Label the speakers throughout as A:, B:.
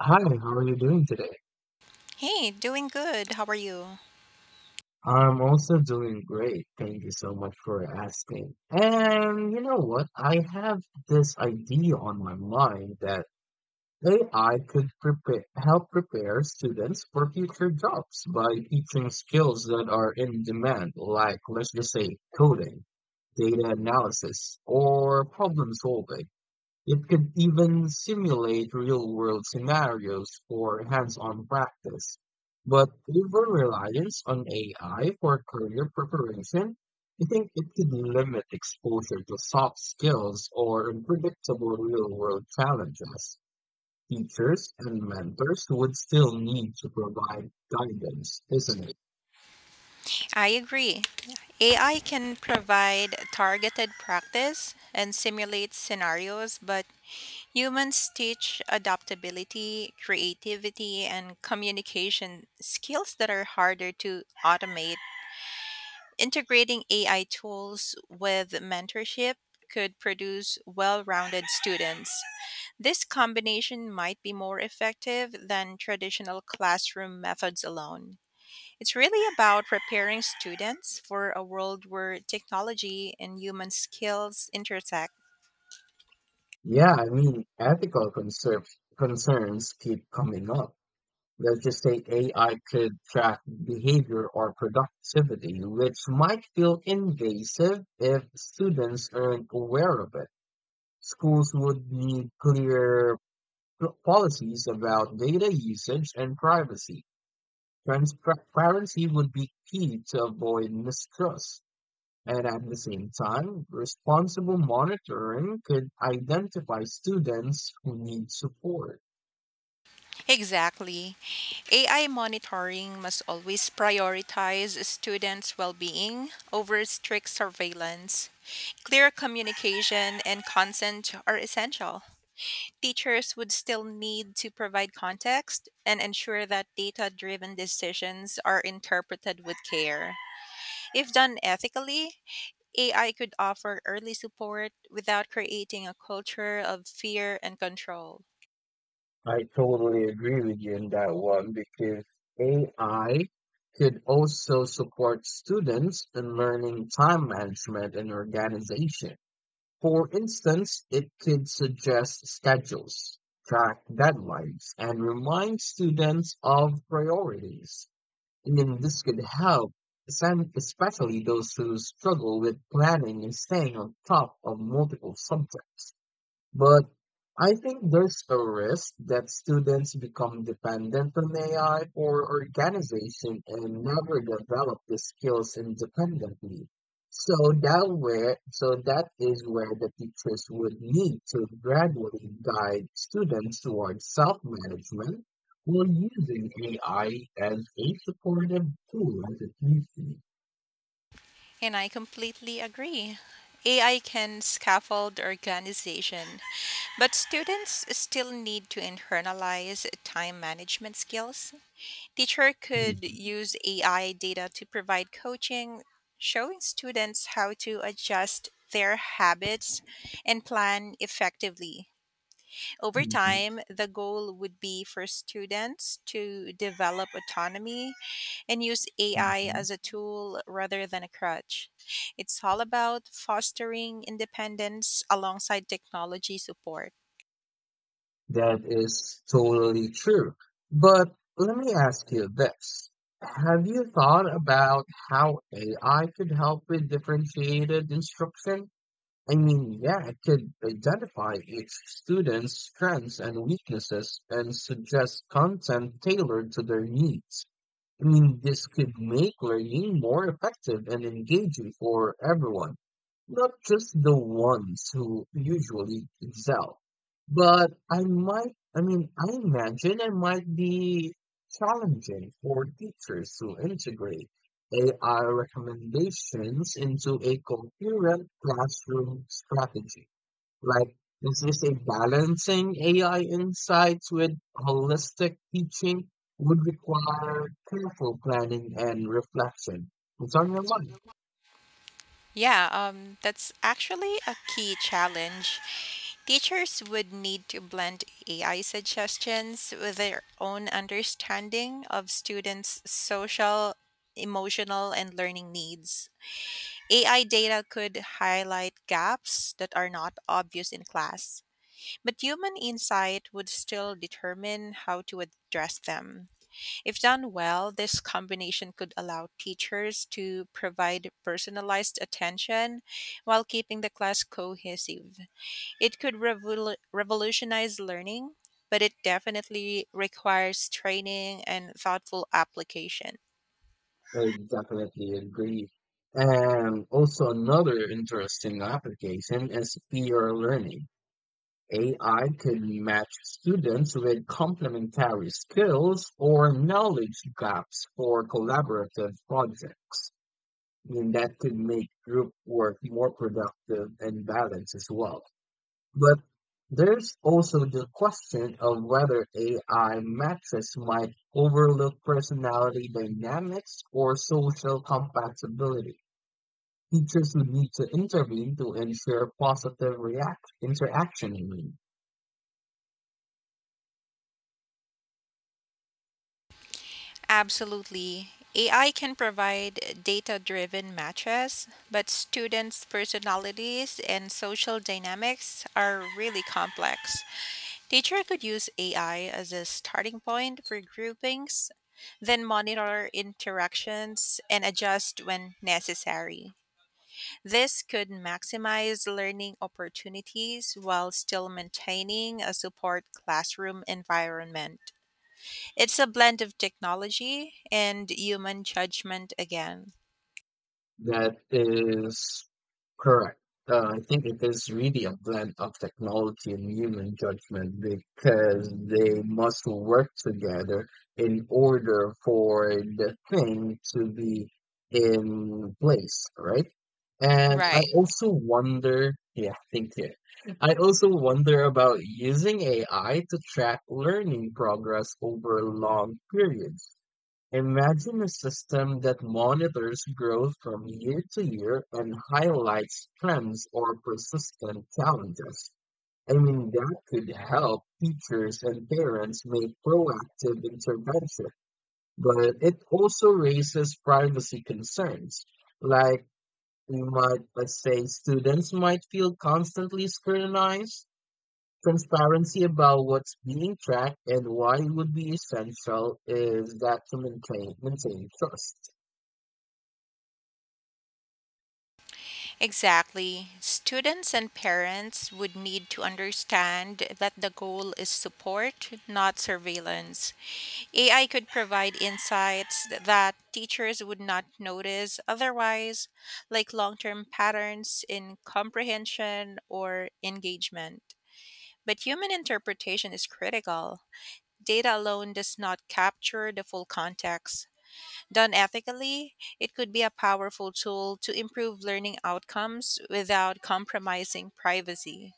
A: Hi, how are you doing today?
B: Hey, doing good. How are you?
A: I'm also doing great. Thank you so much for asking. And you know what? I have this idea on my mind that AI could help prepare students for future jobs by teaching skills that are in demand, like let's just say coding, data analysis, or problem solving. It could even simulate real-world scenarios for hands-on practice. But over-reliance on AI for career preparation, I think it could limit exposure to soft skills or unpredictable real-world challenges. Teachers and mentors would still need to provide guidance, isn't it?
B: I agree. AI can provide targeted practice and simulate scenarios, but humans teach adaptability, creativity, and communication skills that are harder to automate. Integrating AI tools with mentorship could produce well rounded students. This combination might be more effective than traditional classroom methods alone. It's really about preparing students for a world where technology and human skills intersect.
A: Yeah, I mean, ethical concerns keep coming up. Let's just say AI could track behavior or productivity, which might feel invasive if students aren't aware of it. Schools would need clear policies about data usage and privacy. Transparency would be key to avoid mistrust. And at the same time, responsible monitoring could identify students who need support.
B: Exactly. AI monitoring must always prioritize students' well being over strict surveillance. Clear communication and consent are essential. Teachers would still need to provide context and ensure that data driven decisions are interpreted with care. If done ethically, AI could offer early support without creating a culture of fear and control.
A: I totally agree with you in that one because AI could also support students in learning time management and organization. For instance, it could suggest schedules, track deadlines, and remind students of priorities. And then this could help, especially those who struggle with planning and staying on top of multiple subjects. But I think there's a risk that students become dependent on AI or organization and never develop the skills independently. So that is where the teachers would need to gradually guide students towards self-management while using AI as a supportive tool as it used to be.
B: And I completely agree. AI can scaffold organization, but students still need to internalize time management skills. Teacher could
A: Mhm,
B: use AI data to provide coaching, showing students how to adjust their habits and plan effectively. Over
A: mhm,
B: time, the goal would be for students to develop autonomy and use AI
A: mhm.
B: as a tool rather than a crutch. It's all about fostering independence alongside technology support.
A: That is totally true. But let me ask you this. Have you thought about how AI could help with differentiated instruction? I mean, yeah, it could identify each student's strengths and weaknesses and suggest content tailored to their needs. I mean, this could make learning more effective and engaging for everyone, not just the ones who usually excel. But I imagine it might be challenging for teachers to integrate AI recommendations into a coherent classroom strategy. Like, is this a balancing AI insights with holistic teaching would require careful planning and reflection. It's on your mind.
B: Yeah, that's actually a key challenge. Teachers would need to blend AI suggestions with their own understanding of students' social, emotional, and learning needs. AI data could highlight gaps that are not obvious in class, but human insight would still determine how to address them. If done well, this combination could allow teachers to provide personalized attention while keeping the class cohesive. It could revolutionize learning, but it definitely requires training and thoughtful application.
A: I definitely agree. And also another interesting application is peer learning. AI could match students with complementary skills or knowledge gaps for collaborative projects. I mean, that could make group work more productive and balanced as well. But there's also the question of whether AI metrics might overlook personality dynamics or social compatibility. Teachers would need to intervene to ensure positive react interaction. I mean.
B: Absolutely. AI can provide data driven matches, but students' personalities and social dynamics are really complex. Teacher could use AI as a starting point for groupings, then monitor interactions and adjust when necessary. This could maximize learning opportunities while still maintaining a support classroom environment. It's a blend of technology and human judgment again.
A: That is correct. I think it is really a blend of technology and human judgment because they must work together in order for the thing to be in place, right? And I
B: Right.
A: also wonder, yeah, thank you. I also wonder about using AI to track learning progress over long periods. Imagine a system that monitors growth from year to year and highlights trends or persistent challenges. I mean, that could help teachers and parents make proactive intervention, but it also raises privacy concerns. Like, let's say, students might feel constantly scrutinized. Transparency about what's being tracked and why would be essential is that to maintain trust.
B: Mhm. Exactly. Students and parents would need to understand that the goal is support, not surveillance. AI could provide insights that teachers would not notice otherwise, like long term patterns in comprehension or engagement. But human interpretation is critical. Data alone does not capture the full context. Done ethically, it could be a powerful tool to improve learning outcomes without compromising privacy.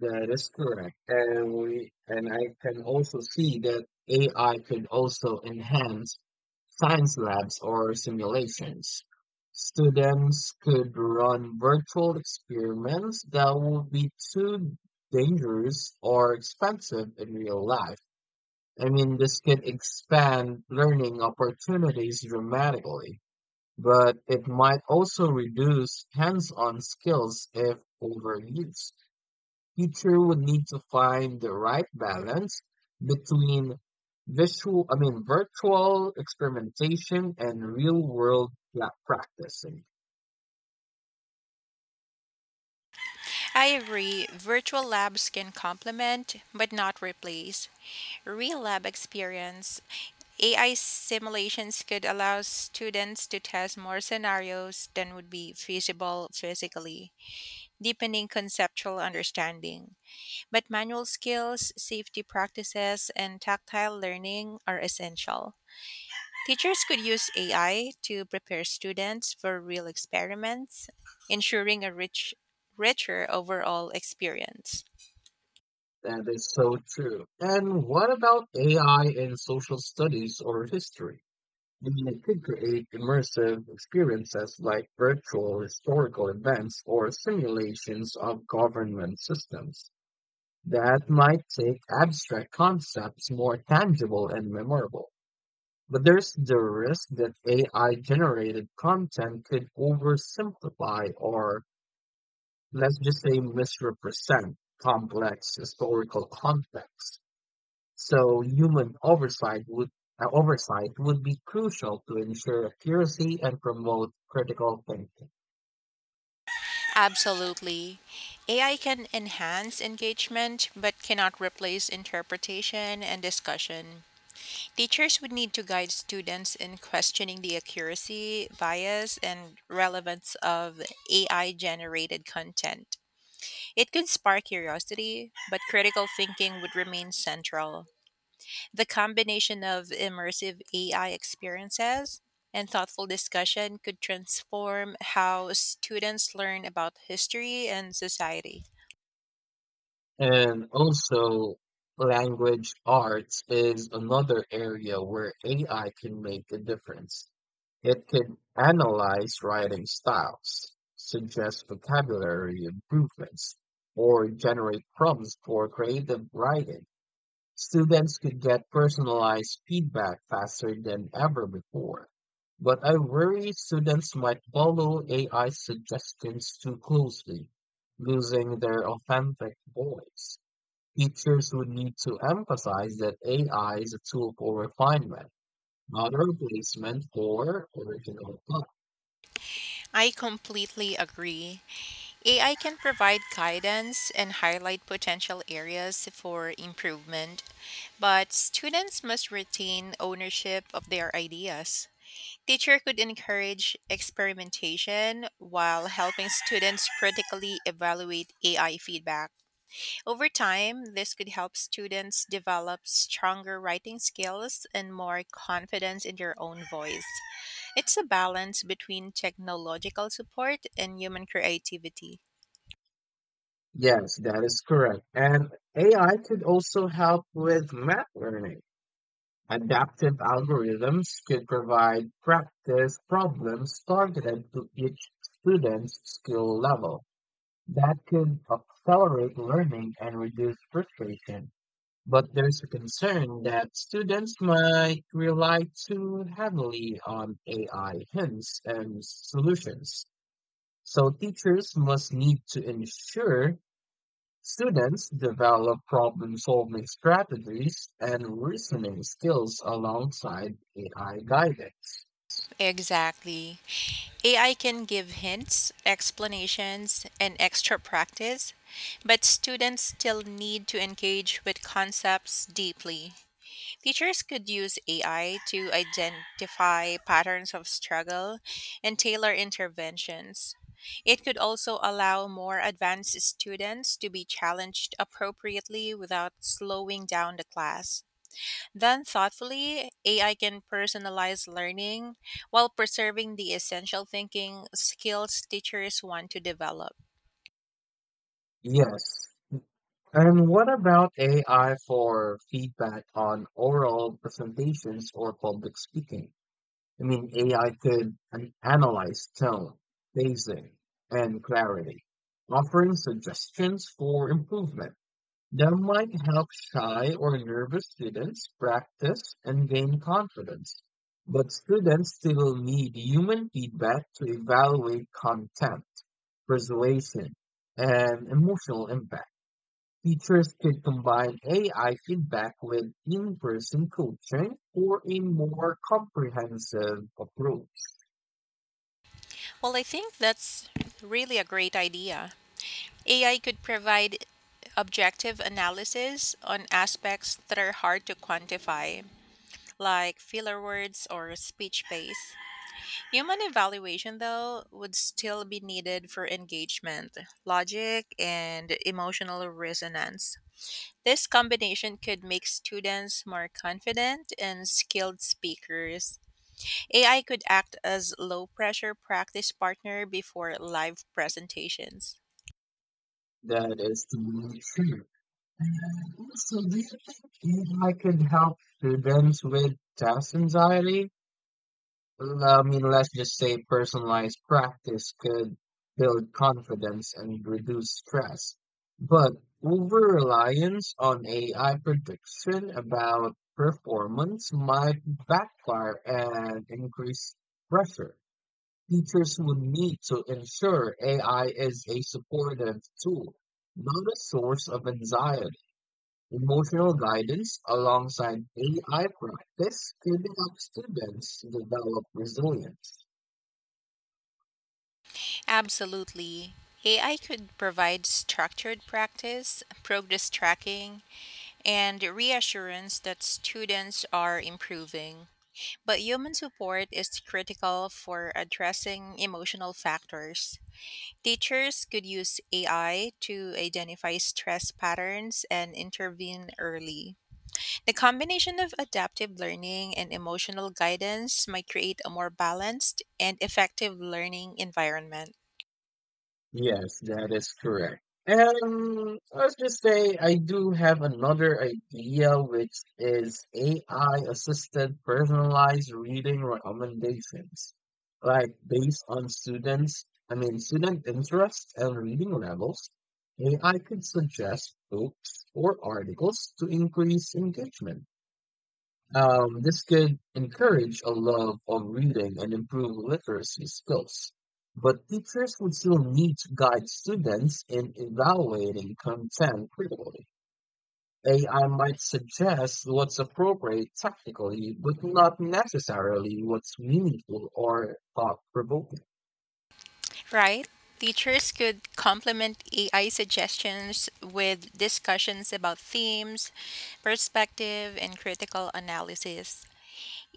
A: That is correct. And we and I can also see that AI could also enhance science labs or simulations. Students could run virtual experiments that would be too dangerous or expensive in real life. I mean, this could expand learning opportunities dramatically, but it might also reduce hands-on skills if overused teacher would need to find the right balance between virtual experimentation and real world lab practicing.
B: I agree, virtual labs can complement but not replace real lab experience. AI simulations could allow students to test more scenarios than would be feasible physically, deepening conceptual understanding. But manual skills, safety practices, and tactile learning are essential. Teachers could use AI to prepare students for real experiments, ensuring a rich, richer overall experience.
A: That is so true. And what about AI in social studies or history? I mean, it could create immersive experiences like virtual historical events or simulations of government systems that might take abstract concepts more tangible and memorable. But there's the risk that AI-generated content could oversimplify or, let's just say, misrepresent complex historical context. So human oversight would be crucial to ensure accuracy and promote critical thinking.
B: Absolutely. AI can enhance engagement but cannot replace interpretation and discussion. Teachers would need to guide students in questioning the accuracy, bias, and relevance of AI generated content. It could spark curiosity, but critical thinking would remain central. The combination of immersive AI experiences and thoughtful discussion could transform how students learn about history and society.
A: And also, language arts is another area where AI can make a difference. It can analyze writing styles, suggest vocabulary improvements, or generate prompts for creative writing. Students could get personalized feedback faster than ever before. But I worry students might follow AI suggestions too closely, losing their authentic voice. Teachers would need to emphasize that AI is a tool for refinement, not a replacement for original thought.
B: I completely agree. AI can provide guidance and highlight potential areas for improvement, but students must retain ownership of their ideas. Teacher could encourage experimentation while helping students critically evaluate AI feedback. Over time, this could help students develop stronger writing skills and more confidence in their own voice. It's a balance between technological support and human creativity.
A: Yes, that is correct. And AI could also help with math learning. Adaptive algorithms could provide practice problems targeted to each student's skill level. That could accelerate learning and reduce frustration. But there's a concern that students might rely too heavily on AI hints and solutions. So teachers must need to ensure students develop problem-solving strategies and reasoning skills alongside AI guidance.
B: Exactly. AI can give hints, explanations, and extra practice, but students still need to engage with concepts deeply. Teachers could use AI to identify patterns of struggle and tailor interventions. It could also allow more advanced students to be challenged appropriately without slowing down the class. Then, thoughtfully, AI can personalize learning while preserving the essential thinking skills teachers want to develop.
A: Yes. And what about AI for feedback on oral presentations or public speaking? I mean, AI could analyze tone, pacing, and clarity, offering suggestions for improvement that might help shy or nervous students practice and gain confidence. But students still need human feedback to evaluate content, persuasion, and emotional impact. Teachers could combine AI feedback with in person coaching for a more comprehensive approach.
B: Well, I think that's really a great idea. AI could provide objective analysis on aspects that are hard to quantify, like filler words or speech pace. Human evaluation, though, would still be needed for engagement, logic, and emotional resonance. This combination could make students more confident and skilled speakers. AI could act as low pressure practice partner before live presentations.
A: That is totally true. And also, do you think I could help students with test anxiety? Let's just say personalized practice could build confidence and reduce stress. But over reliance on AI prediction about performance might backfire and increase pressure. Teachers will need to ensure AI is a supportive tool, not a source of anxiety. Emotional guidance alongside AI practice can help students develop resilience.
B: Absolutely. AI could provide structured practice, progress tracking, and reassurance that students are improving. But human support is critical for addressing emotional factors. Teachers could use AI to identify stress patterns and intervene early. The combination of adaptive learning and emotional guidance might create a more balanced and effective learning environment.
A: Yes, that is correct. And let's just say I do have another idea, which is AI-assisted personalized reading recommendations, like based on student interest and reading levels. AI could suggest books or articles to increase engagement. This could encourage a love of reading and improve literacy skills. But teachers would still need to guide students in evaluating content critically. AI might suggest what's appropriate technically, but not necessarily what's meaningful or thought provoking.
B: Right. Teachers could complement AI suggestions with discussions about themes, perspective, and critical analysis.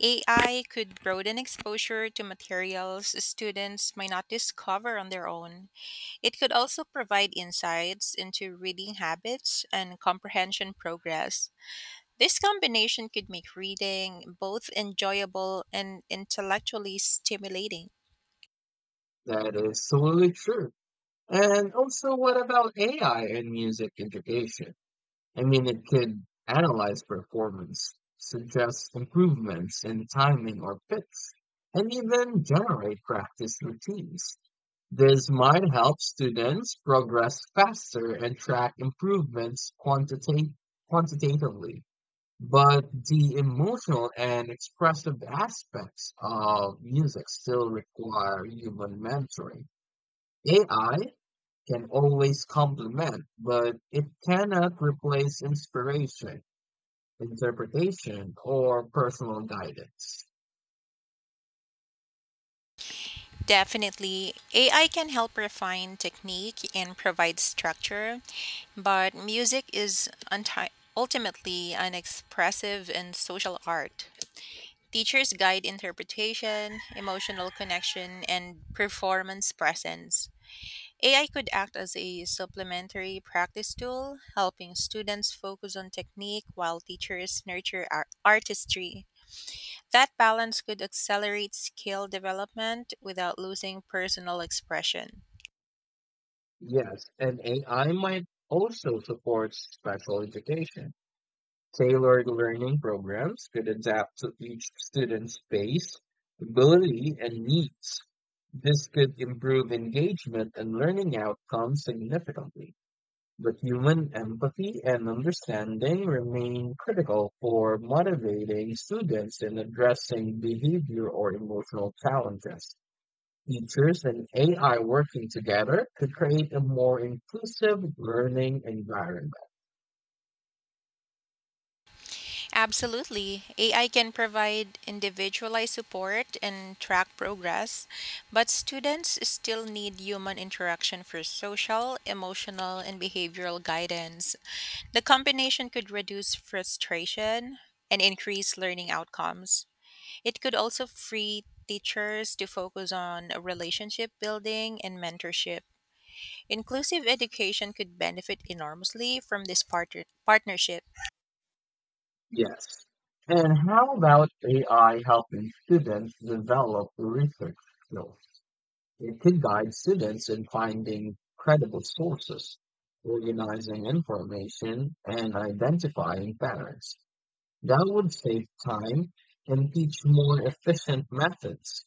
B: AI could broaden exposure to materials students might not discover on their own. It could also provide insights into reading habits and comprehension progress. This combination could make reading both enjoyable and intellectually stimulating.
A: That is totally true. And also, what about AI in music education? I mean, it could analyze performance, suggest improvements in timing or pitch, and even generate practice routines. This might help students progress faster and track improvements quantitatively. But the emotional and expressive aspects of music still require human mentoring. AI can always complement, but it cannot replace inspiration interpretation, or personal guidance.
B: Definitely, AI can help refine technique and provide structure, but music is ultimately an expressive and social art. Teachers guide interpretation, emotional connection, and performance presence. AI could act as a supplementary practice tool, helping students focus on technique while teachers nurture artistry. That balance could accelerate skill development without losing personal expression.
A: Yes, and AI might also support special education. Tailored learning programs could adapt to each student's pace, ability, and needs. This could improve engagement and learning outcomes significantly. But human empathy and understanding remain critical for motivating students in addressing behavior or emotional challenges. Teachers and AI working together could create a more inclusive learning environment.
B: Absolutely. AI can provide individualized support and track progress, but students still need human interaction for social, emotional, and behavioral guidance. The combination could reduce frustration and increase learning outcomes. It could also free teachers to focus on relationship building and mentorship. Inclusive education could benefit enormously from this partnership.
A: Yes. And how about AI helping students develop research skills? It could guide students in finding credible sources, organizing information, and identifying patterns. That would save time and teach more efficient methods.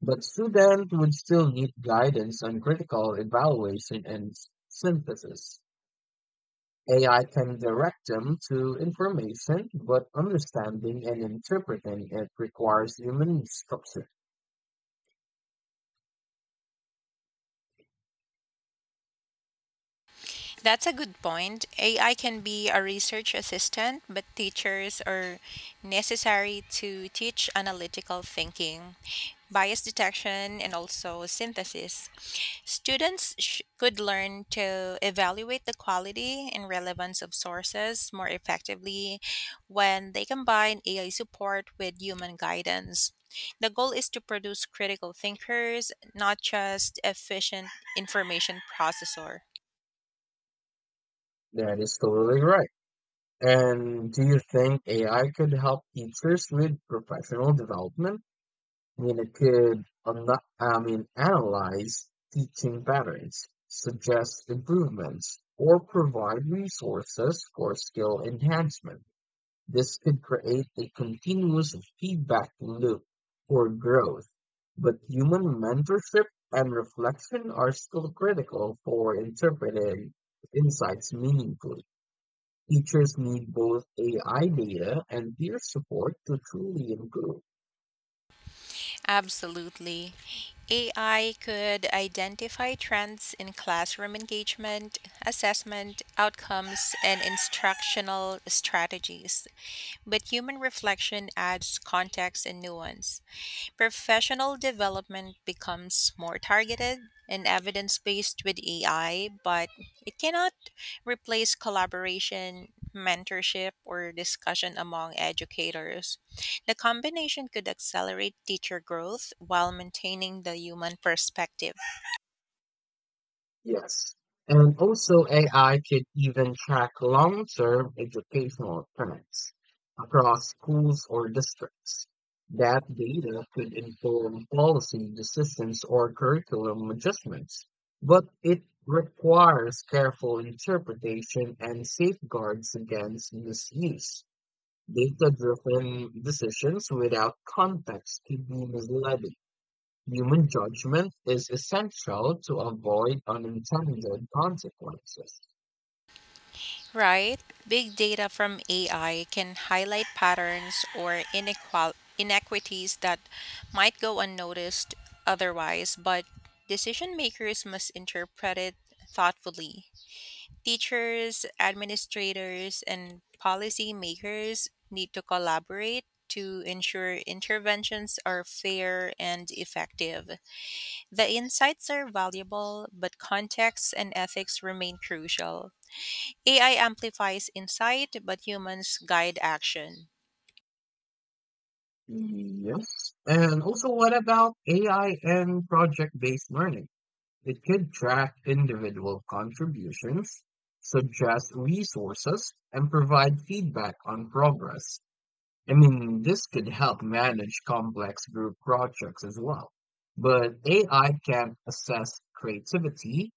A: But students would still need guidance on critical evaluation and synthesis. AI can direct them to information, but understanding and interpreting it requires human structure.
B: That's a good point. AI can be a research assistant, but teachers are necessary to teach analytical thinking, bias detection, and also synthesis. Students could learn to evaluate the quality and relevance of sources more effectively when they combine AI support with human guidance. The goal is to produce critical thinkers, not just efficient information processor.
A: That is totally right. And do you think AI could help teachers with professional development? I mean, analyze teaching patterns, suggest improvements, or provide resources for skill enhancement. This could create a continuous feedback loop for growth, but human mentorship and reflection are still critical for interpreting insights meaningfully. Teachers need both AI data and peer support to truly improve.
B: Absolutely. AI could identify trends in classroom engagement, assessment, outcomes, and instructional strategies. But human reflection adds context and nuance. Professional development becomes more targeted and evidence based with AI, but it cannot replace collaboration, mentorship, or discussion among educators. The combination could accelerate teacher growth while maintaining the human perspective.
A: Yes. And also AI could even track long-term educational trends across schools or districts. That data could inform policy decisions or curriculum adjustments, but it requires careful interpretation and safeguards against misuse. Data-driven decisions without context could be misleading. Human judgment is essential to avoid unintended consequences.
B: Right. Big data from AI can highlight patterns or inequities that might go unnoticed otherwise, but decision makers must interpret it thoughtfully. Teachers, administrators, and policy makers need to collaborate to ensure interventions are fair and effective. The insights are valuable, but context and ethics remain crucial. AI amplifies insight, but humans guide action.
A: Yes. And also, what about AI and project based learning? It could track individual contributions, suggest resources, and provide feedback on progress. I mean, this could help manage complex group projects as well. But AI can't assess creativity,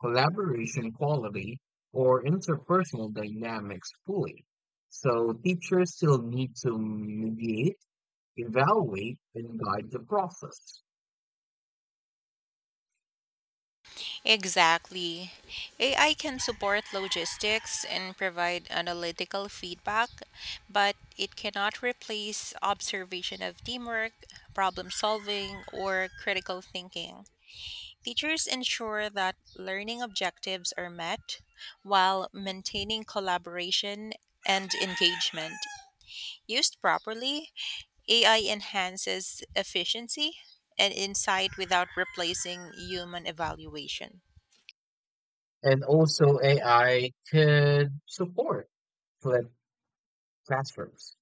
A: collaboration quality, or interpersonal dynamics fully. So teachers still need to mediate, evaluate, and guide the process.
B: Exactly. AI can support logistics and provide analytical feedback, but it cannot replace observation of teamwork, problem solving, or critical thinking. Teachers ensure that learning objectives are met while maintaining collaboration and engagement. Used properly, AI enhances efficiency and insight without replacing human evaluation.
A: And also AI could support flipped classrooms.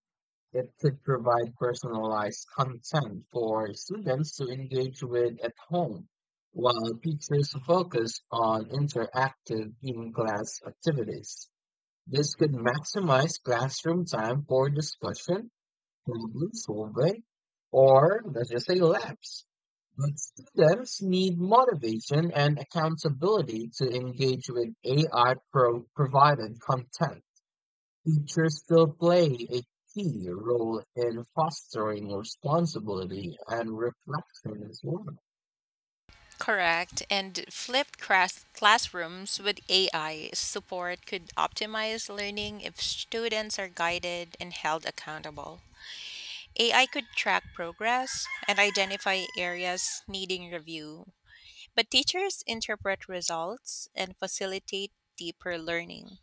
A: It could provide personalized content for students to engage with at home, while teachers focus on interactive in-class activities. This could maximize classroom time for discussion, problem solving, or let's just say labs. But students need motivation and accountability to engage with AI provided content. Teachers still play a key role in fostering responsibility and reflection as well.
B: Correct. And flipped classrooms with AI support could optimize learning if students are guided and held accountable. AI could track progress and identify areas needing review, but teachers interpret results and facilitate deeper learning.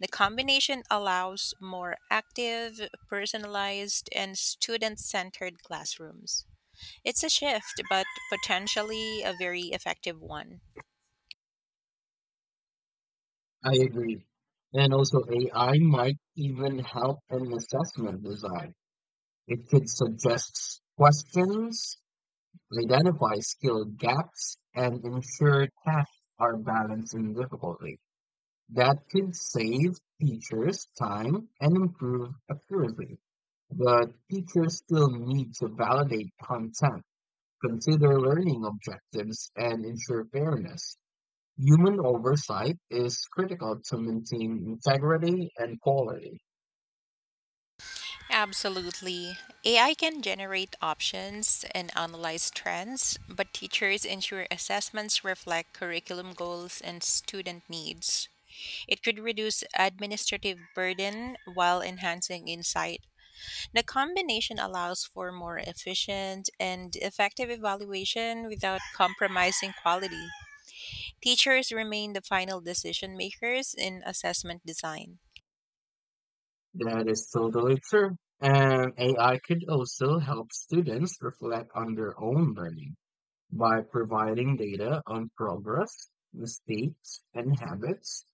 B: The combination allows more active, personalized, and student centered classrooms. It's a shift, but potentially a very effective one.
A: I agree. And also, AI might even help in assessment design. It could suggest questions, identify skill gaps, and ensure tasks are balanced and difficulty. That could save teachers time and improve accuracy. But teachers still need to validate content Consider learning objectives and ensure fairness. Human oversight is critical to maintain integrity and quality.
B: Absolutely. AI can generate options and analyze trends, but teachers ensure assessments reflect curriculum goals and student needs. It could reduce administrative burden while enhancing insight. The combination allows for more efficient and effective evaluation without compromising quality. Teachers remain the final decision makers in assessment design.
A: That is totally true. And AI could also help students reflect on their own learning by providing data on progress, mistakes, and habits.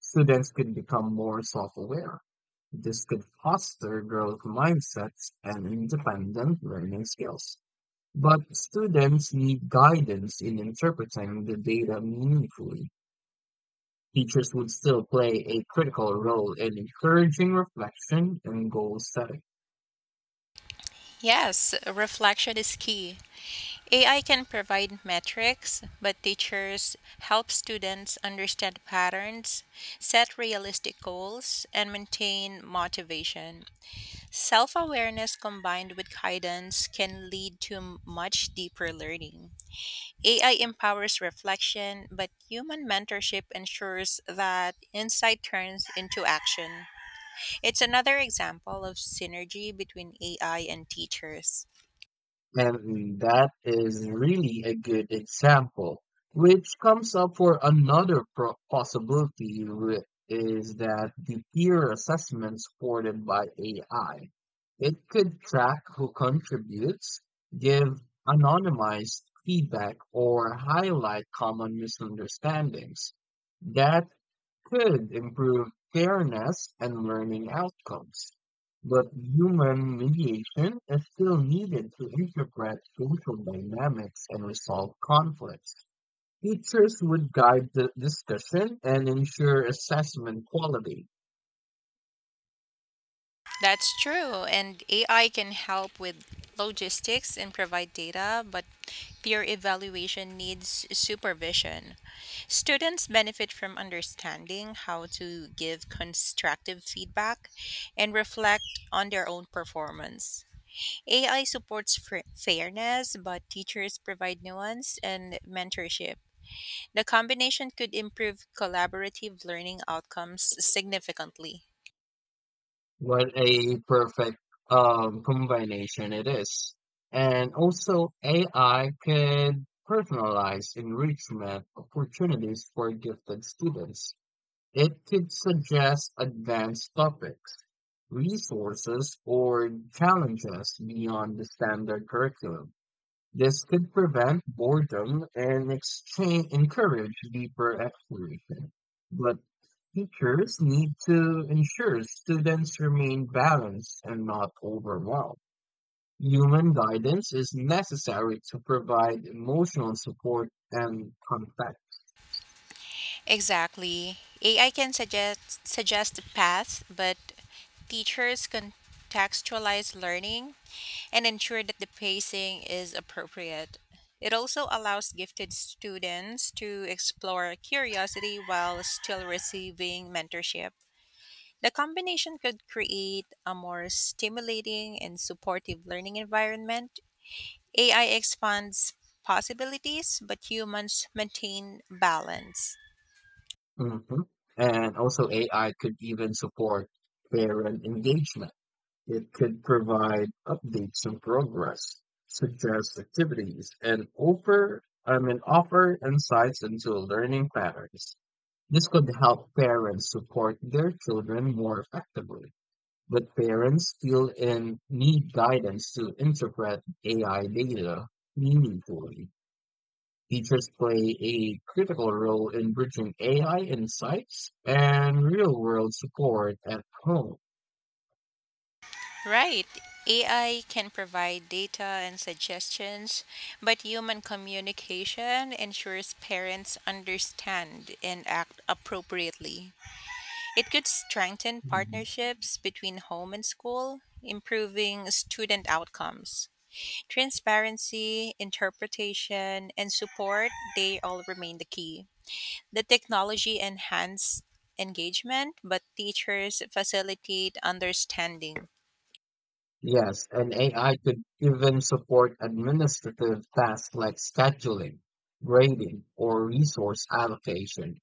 A: Students could become more self-aware. This could foster growth mindsets and independent learning skills. But students need guidance in interpreting the data meaningfully. Teachers would still play a critical role in encouraging reflection and goal setting.
B: Yes, reflection is key. AI can provide metrics, but teachers help students understand patterns, set realistic goals, and maintain motivation. Self awareness combined with guidance can lead to much deeper learning. AI empowers reflection, but human mentorship ensures that insight turns into action. It's another example of synergy between AI and teachers.
A: And that is really a good example, which comes up for another possibility is that the peer assessment supported by AI. It could track who contributes, give anonymized feedback, or highlight common misunderstandings. That could improve fairness and learning outcomes, but human mediation is still needed to interpret social dynamics and resolve conflicts. Teachers would guide the discussion and ensure assessment quality.
B: That's true. And AI can help with logistics and provide data, but peer evaluation needs supervision. Students benefit from understanding how to give constructive feedback and reflect on their own performance. AI supports fairness, but teachers provide nuance and mentorship. The combination could improve collaborative learning outcomes significantly.
A: What a perfect combination it is. And also, AI could personalize enrichment opportunities for gifted students. It could suggest advanced topics, resources, or challenges beyond the standard curriculum. This could prevent boredom and exchange, encourage deeper exploration. But teachers need to ensure students remain balanced and not overwhelmed. Human guidance is necessary to provide emotional support and context.
B: Exactly. AI can suggest paths, but teachers contextualize learning and ensure that the pacing is appropriate. It also allows gifted students to explore curiosity while still receiving mentorship. The combination could create a more stimulating and supportive learning environment. AI expands possibilities, but humans maintain balance.
A: hmm And also, AI could even support parent engagement. It could provide updates on progress, suggest activities, and offer insights into learning patterns. This could help parents support their children more effectively. But parents still in need guidance to interpret AI data meaningfully. Teachers play a critical role in bridging AI insights and real-world support at home.
B: Right. AI can provide data and suggestions, but human communication ensures parents understand and act appropriately. It could strengthen
A: Mhm.
B: partnerships between home and school, improving student outcomes. Transparency, interpretation, and support, they all remain the key. The technology enhance engagement, but teachers facilitate understanding.
A: Yes, and AI could even support administrative tasks like scheduling, grading, or resource allocation.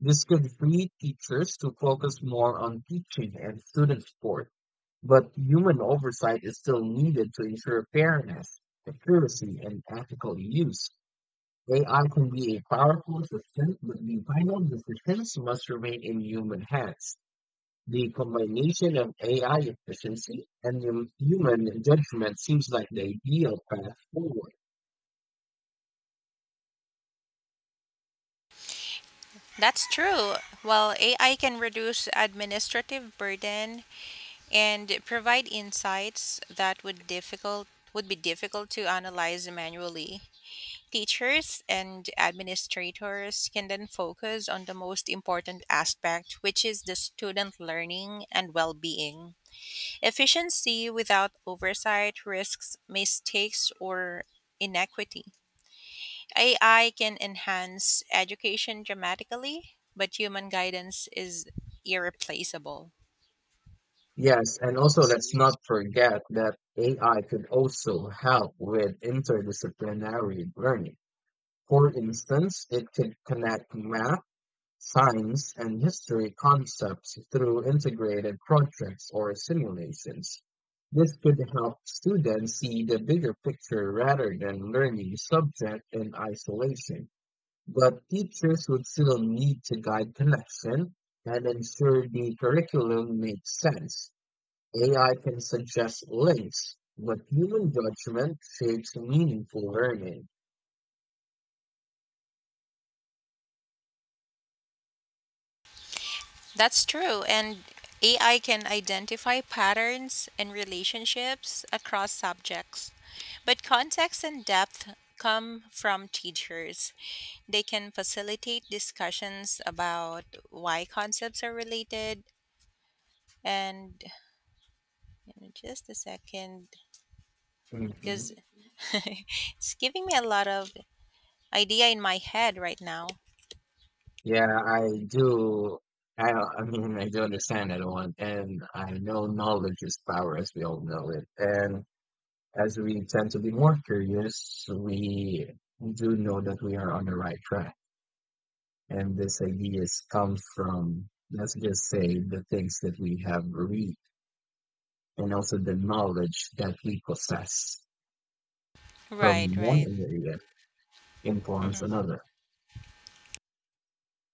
A: This could free teachers to focus more on teaching and student support, but human oversight is still needed to ensure fairness, accuracy, and ethical use. AI can be a powerful assistant, but the final decisions must remain in human hands. The combination of AI efficiency and human judgment seems like the ideal path forward.
B: That's true. While AI can reduce administrative burden and provide insights that would be difficult to analyze manually. Teachers and administrators can then focus on the most important aspect, which is the student learning and well being. Efficiency without oversight risks mistakes or inequity. AI can enhance education dramatically, but human guidance is irreplaceable.
A: Yes, and also let's not forget that AI could also help with interdisciplinary learning. For instance, it could connect math, science and history concepts through integrated projects or simulations. This could help students see the bigger picture rather than learning subject in isolation. But teachers would still need to guide connection and ensure the curriculum makes sense. AI can suggest links, but human judgment shapes meaningful learning.
B: That's true. And AI can identify patterns and relationships across subjects. But context and depth come from teachers. They can facilitate discussions about why concepts are related. And give me just a second,
A: Mhm.
B: because it's giving me a lot of idea in my head right now.
A: Yeah, I do. I do understand that one, and I know knowledge is power, as we all know it. And as we tend to be more curious, we do know that we are on the right track. And this ideas come from, let's just say, the things that we have read, and also the knowledge that we possess
B: Right,
A: from one
B: right.
A: area influence another.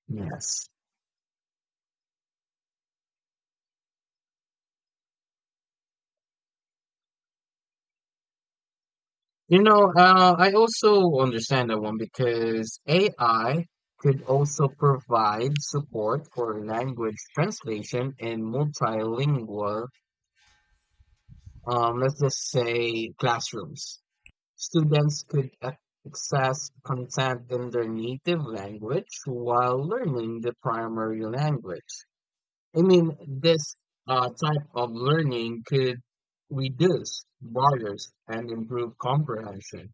A: Yes. You know, I also understand that one because AI could also provide support for language translation in multilingual, let's just say, classrooms. Students could access content in their native language while learning the primary language. I mean, this type of learning could reduce barriers and improve comprehension,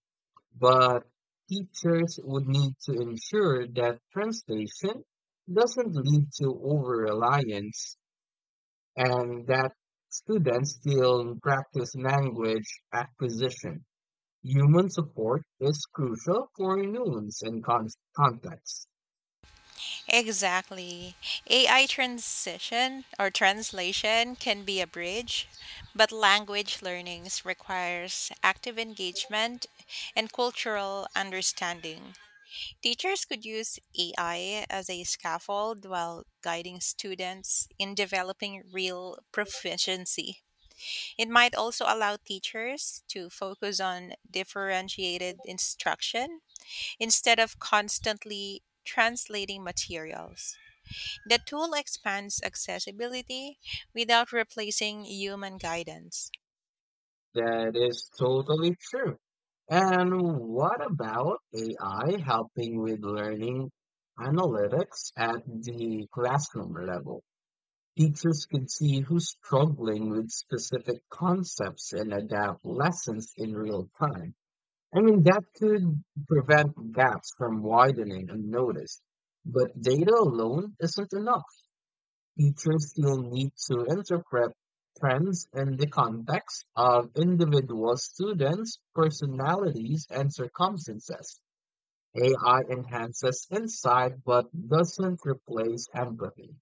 A: but teachers would need to ensure that translation doesn't lead to over-reliance and that students still practice language acquisition. Human support is crucial for nuance and context.
B: Exactly. AI transition or translation can be a bridge, but language learnings requires active engagement and cultural understanding. Teachers could use AI as a scaffold while guiding students in developing real proficiency. It might also allow teachers to focus on differentiated instruction instead of constantly translating materials. The tool expands accessibility without replacing human guidance.
A: That is totally true. And what about AI helping with learning analytics at the classroom level? Teachers can see who's struggling with specific concepts and adapt lessons in real time. I mean, that could prevent gaps from widening unnoticed. But data alone isn't enough. Teachers still need to interpret trends in the context of individual students, personalities, and circumstances. AI enhances insight but doesn't replace empathy.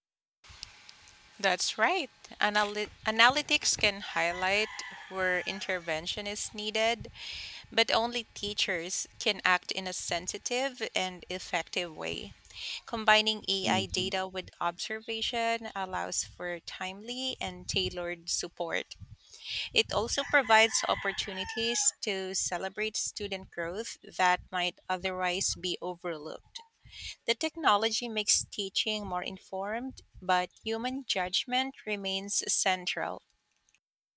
B: That's right. Analytics can highlight where intervention is needed, but only teachers can act in a sensitive and effective way. Combining AI
A: Mhm.
B: data with observation allows for timely and tailored support. It also provides opportunities to celebrate student growth that might otherwise be overlooked. The technology makes teaching more informed, but human judgment remains central.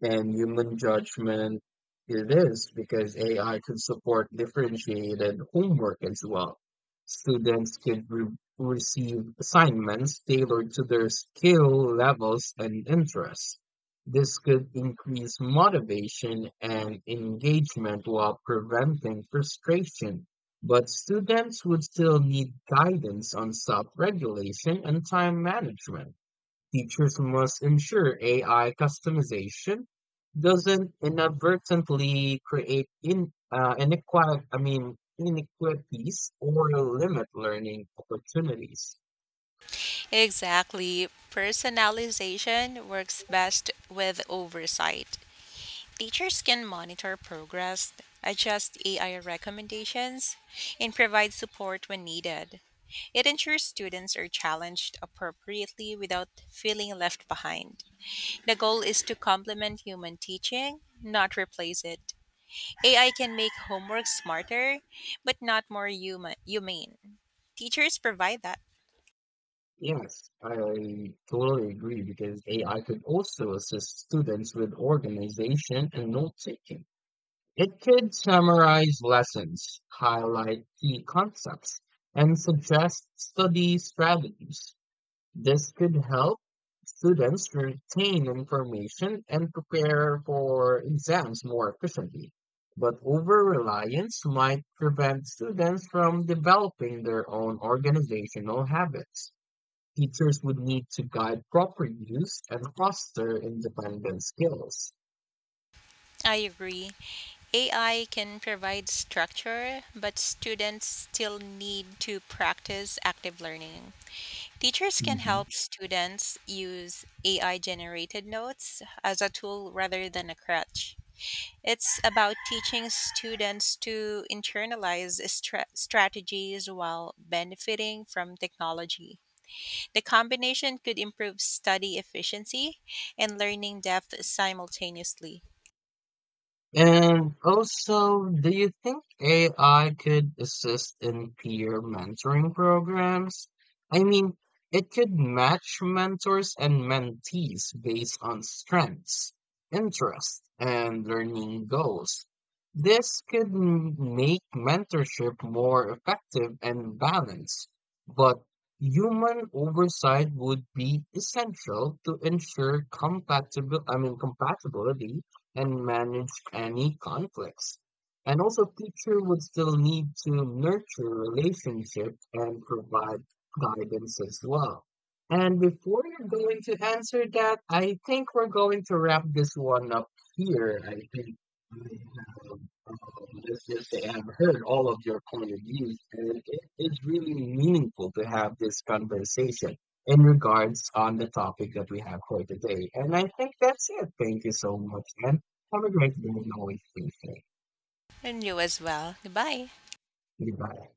A: And human judgment it is, because AI could support differentiated homework as well. Students could re receive assignments tailored to their skill levels and interests. This could increase motivation and engagement while preventing frustration. But students would still need guidance on self-regulation and time management. Teachers must ensure AI customization doesn't inadvertently create in inequality, I mean inequities or limit learning opportunities.
B: Exactly. Personalization works best with oversight. Teachers can monitor progress, adjust AI recommendations, and provide support when needed. It ensures students are challenged appropriately without feeling left behind. The goal is to complement human teaching, not replace it. AI can make homework smarter, but not more human humane. Teachers provide that.
A: Yes, I totally agree because AI could also assist students with organization and note taking. It could summarize lessons, highlight key concepts, and suggest study strategies. This could help students retain information and prepare for exams more efficiently. But over-reliance might prevent students from developing their own organizational habits. Teachers would need to guide proper use and foster independent skills.
B: I agree. AI can provide structure, but students still need to practice active learning. Teachers can
A: Mhm.
B: help students use AI generated notes as a tool rather than a crutch. It's about teaching students to internalize strategies while benefiting from technology. The combination could improve study efficiency and learning depth simultaneously.
A: And also, do you think AI could assist in peer mentoring programs? I mean, it could match mentors and mentees based on strengths, interests, and learning goals. This could make mentorship more effective and balanced, but human oversight would be essential to ensure compatibility and managed any conflicts. And also, teacher would still need to nurture relationships and provide guidance as well. And before you're going to answer that, I think we're going to wrap this one up here. I think I have, let's just say, I've heard all of your point of views, and it is really meaningful to have this conversation in regards on the topic that we have for today. And I think that's it. Thank you so much, and have a great day and always stay safe.
B: And you as well. Goodbye.
A: Goodbye.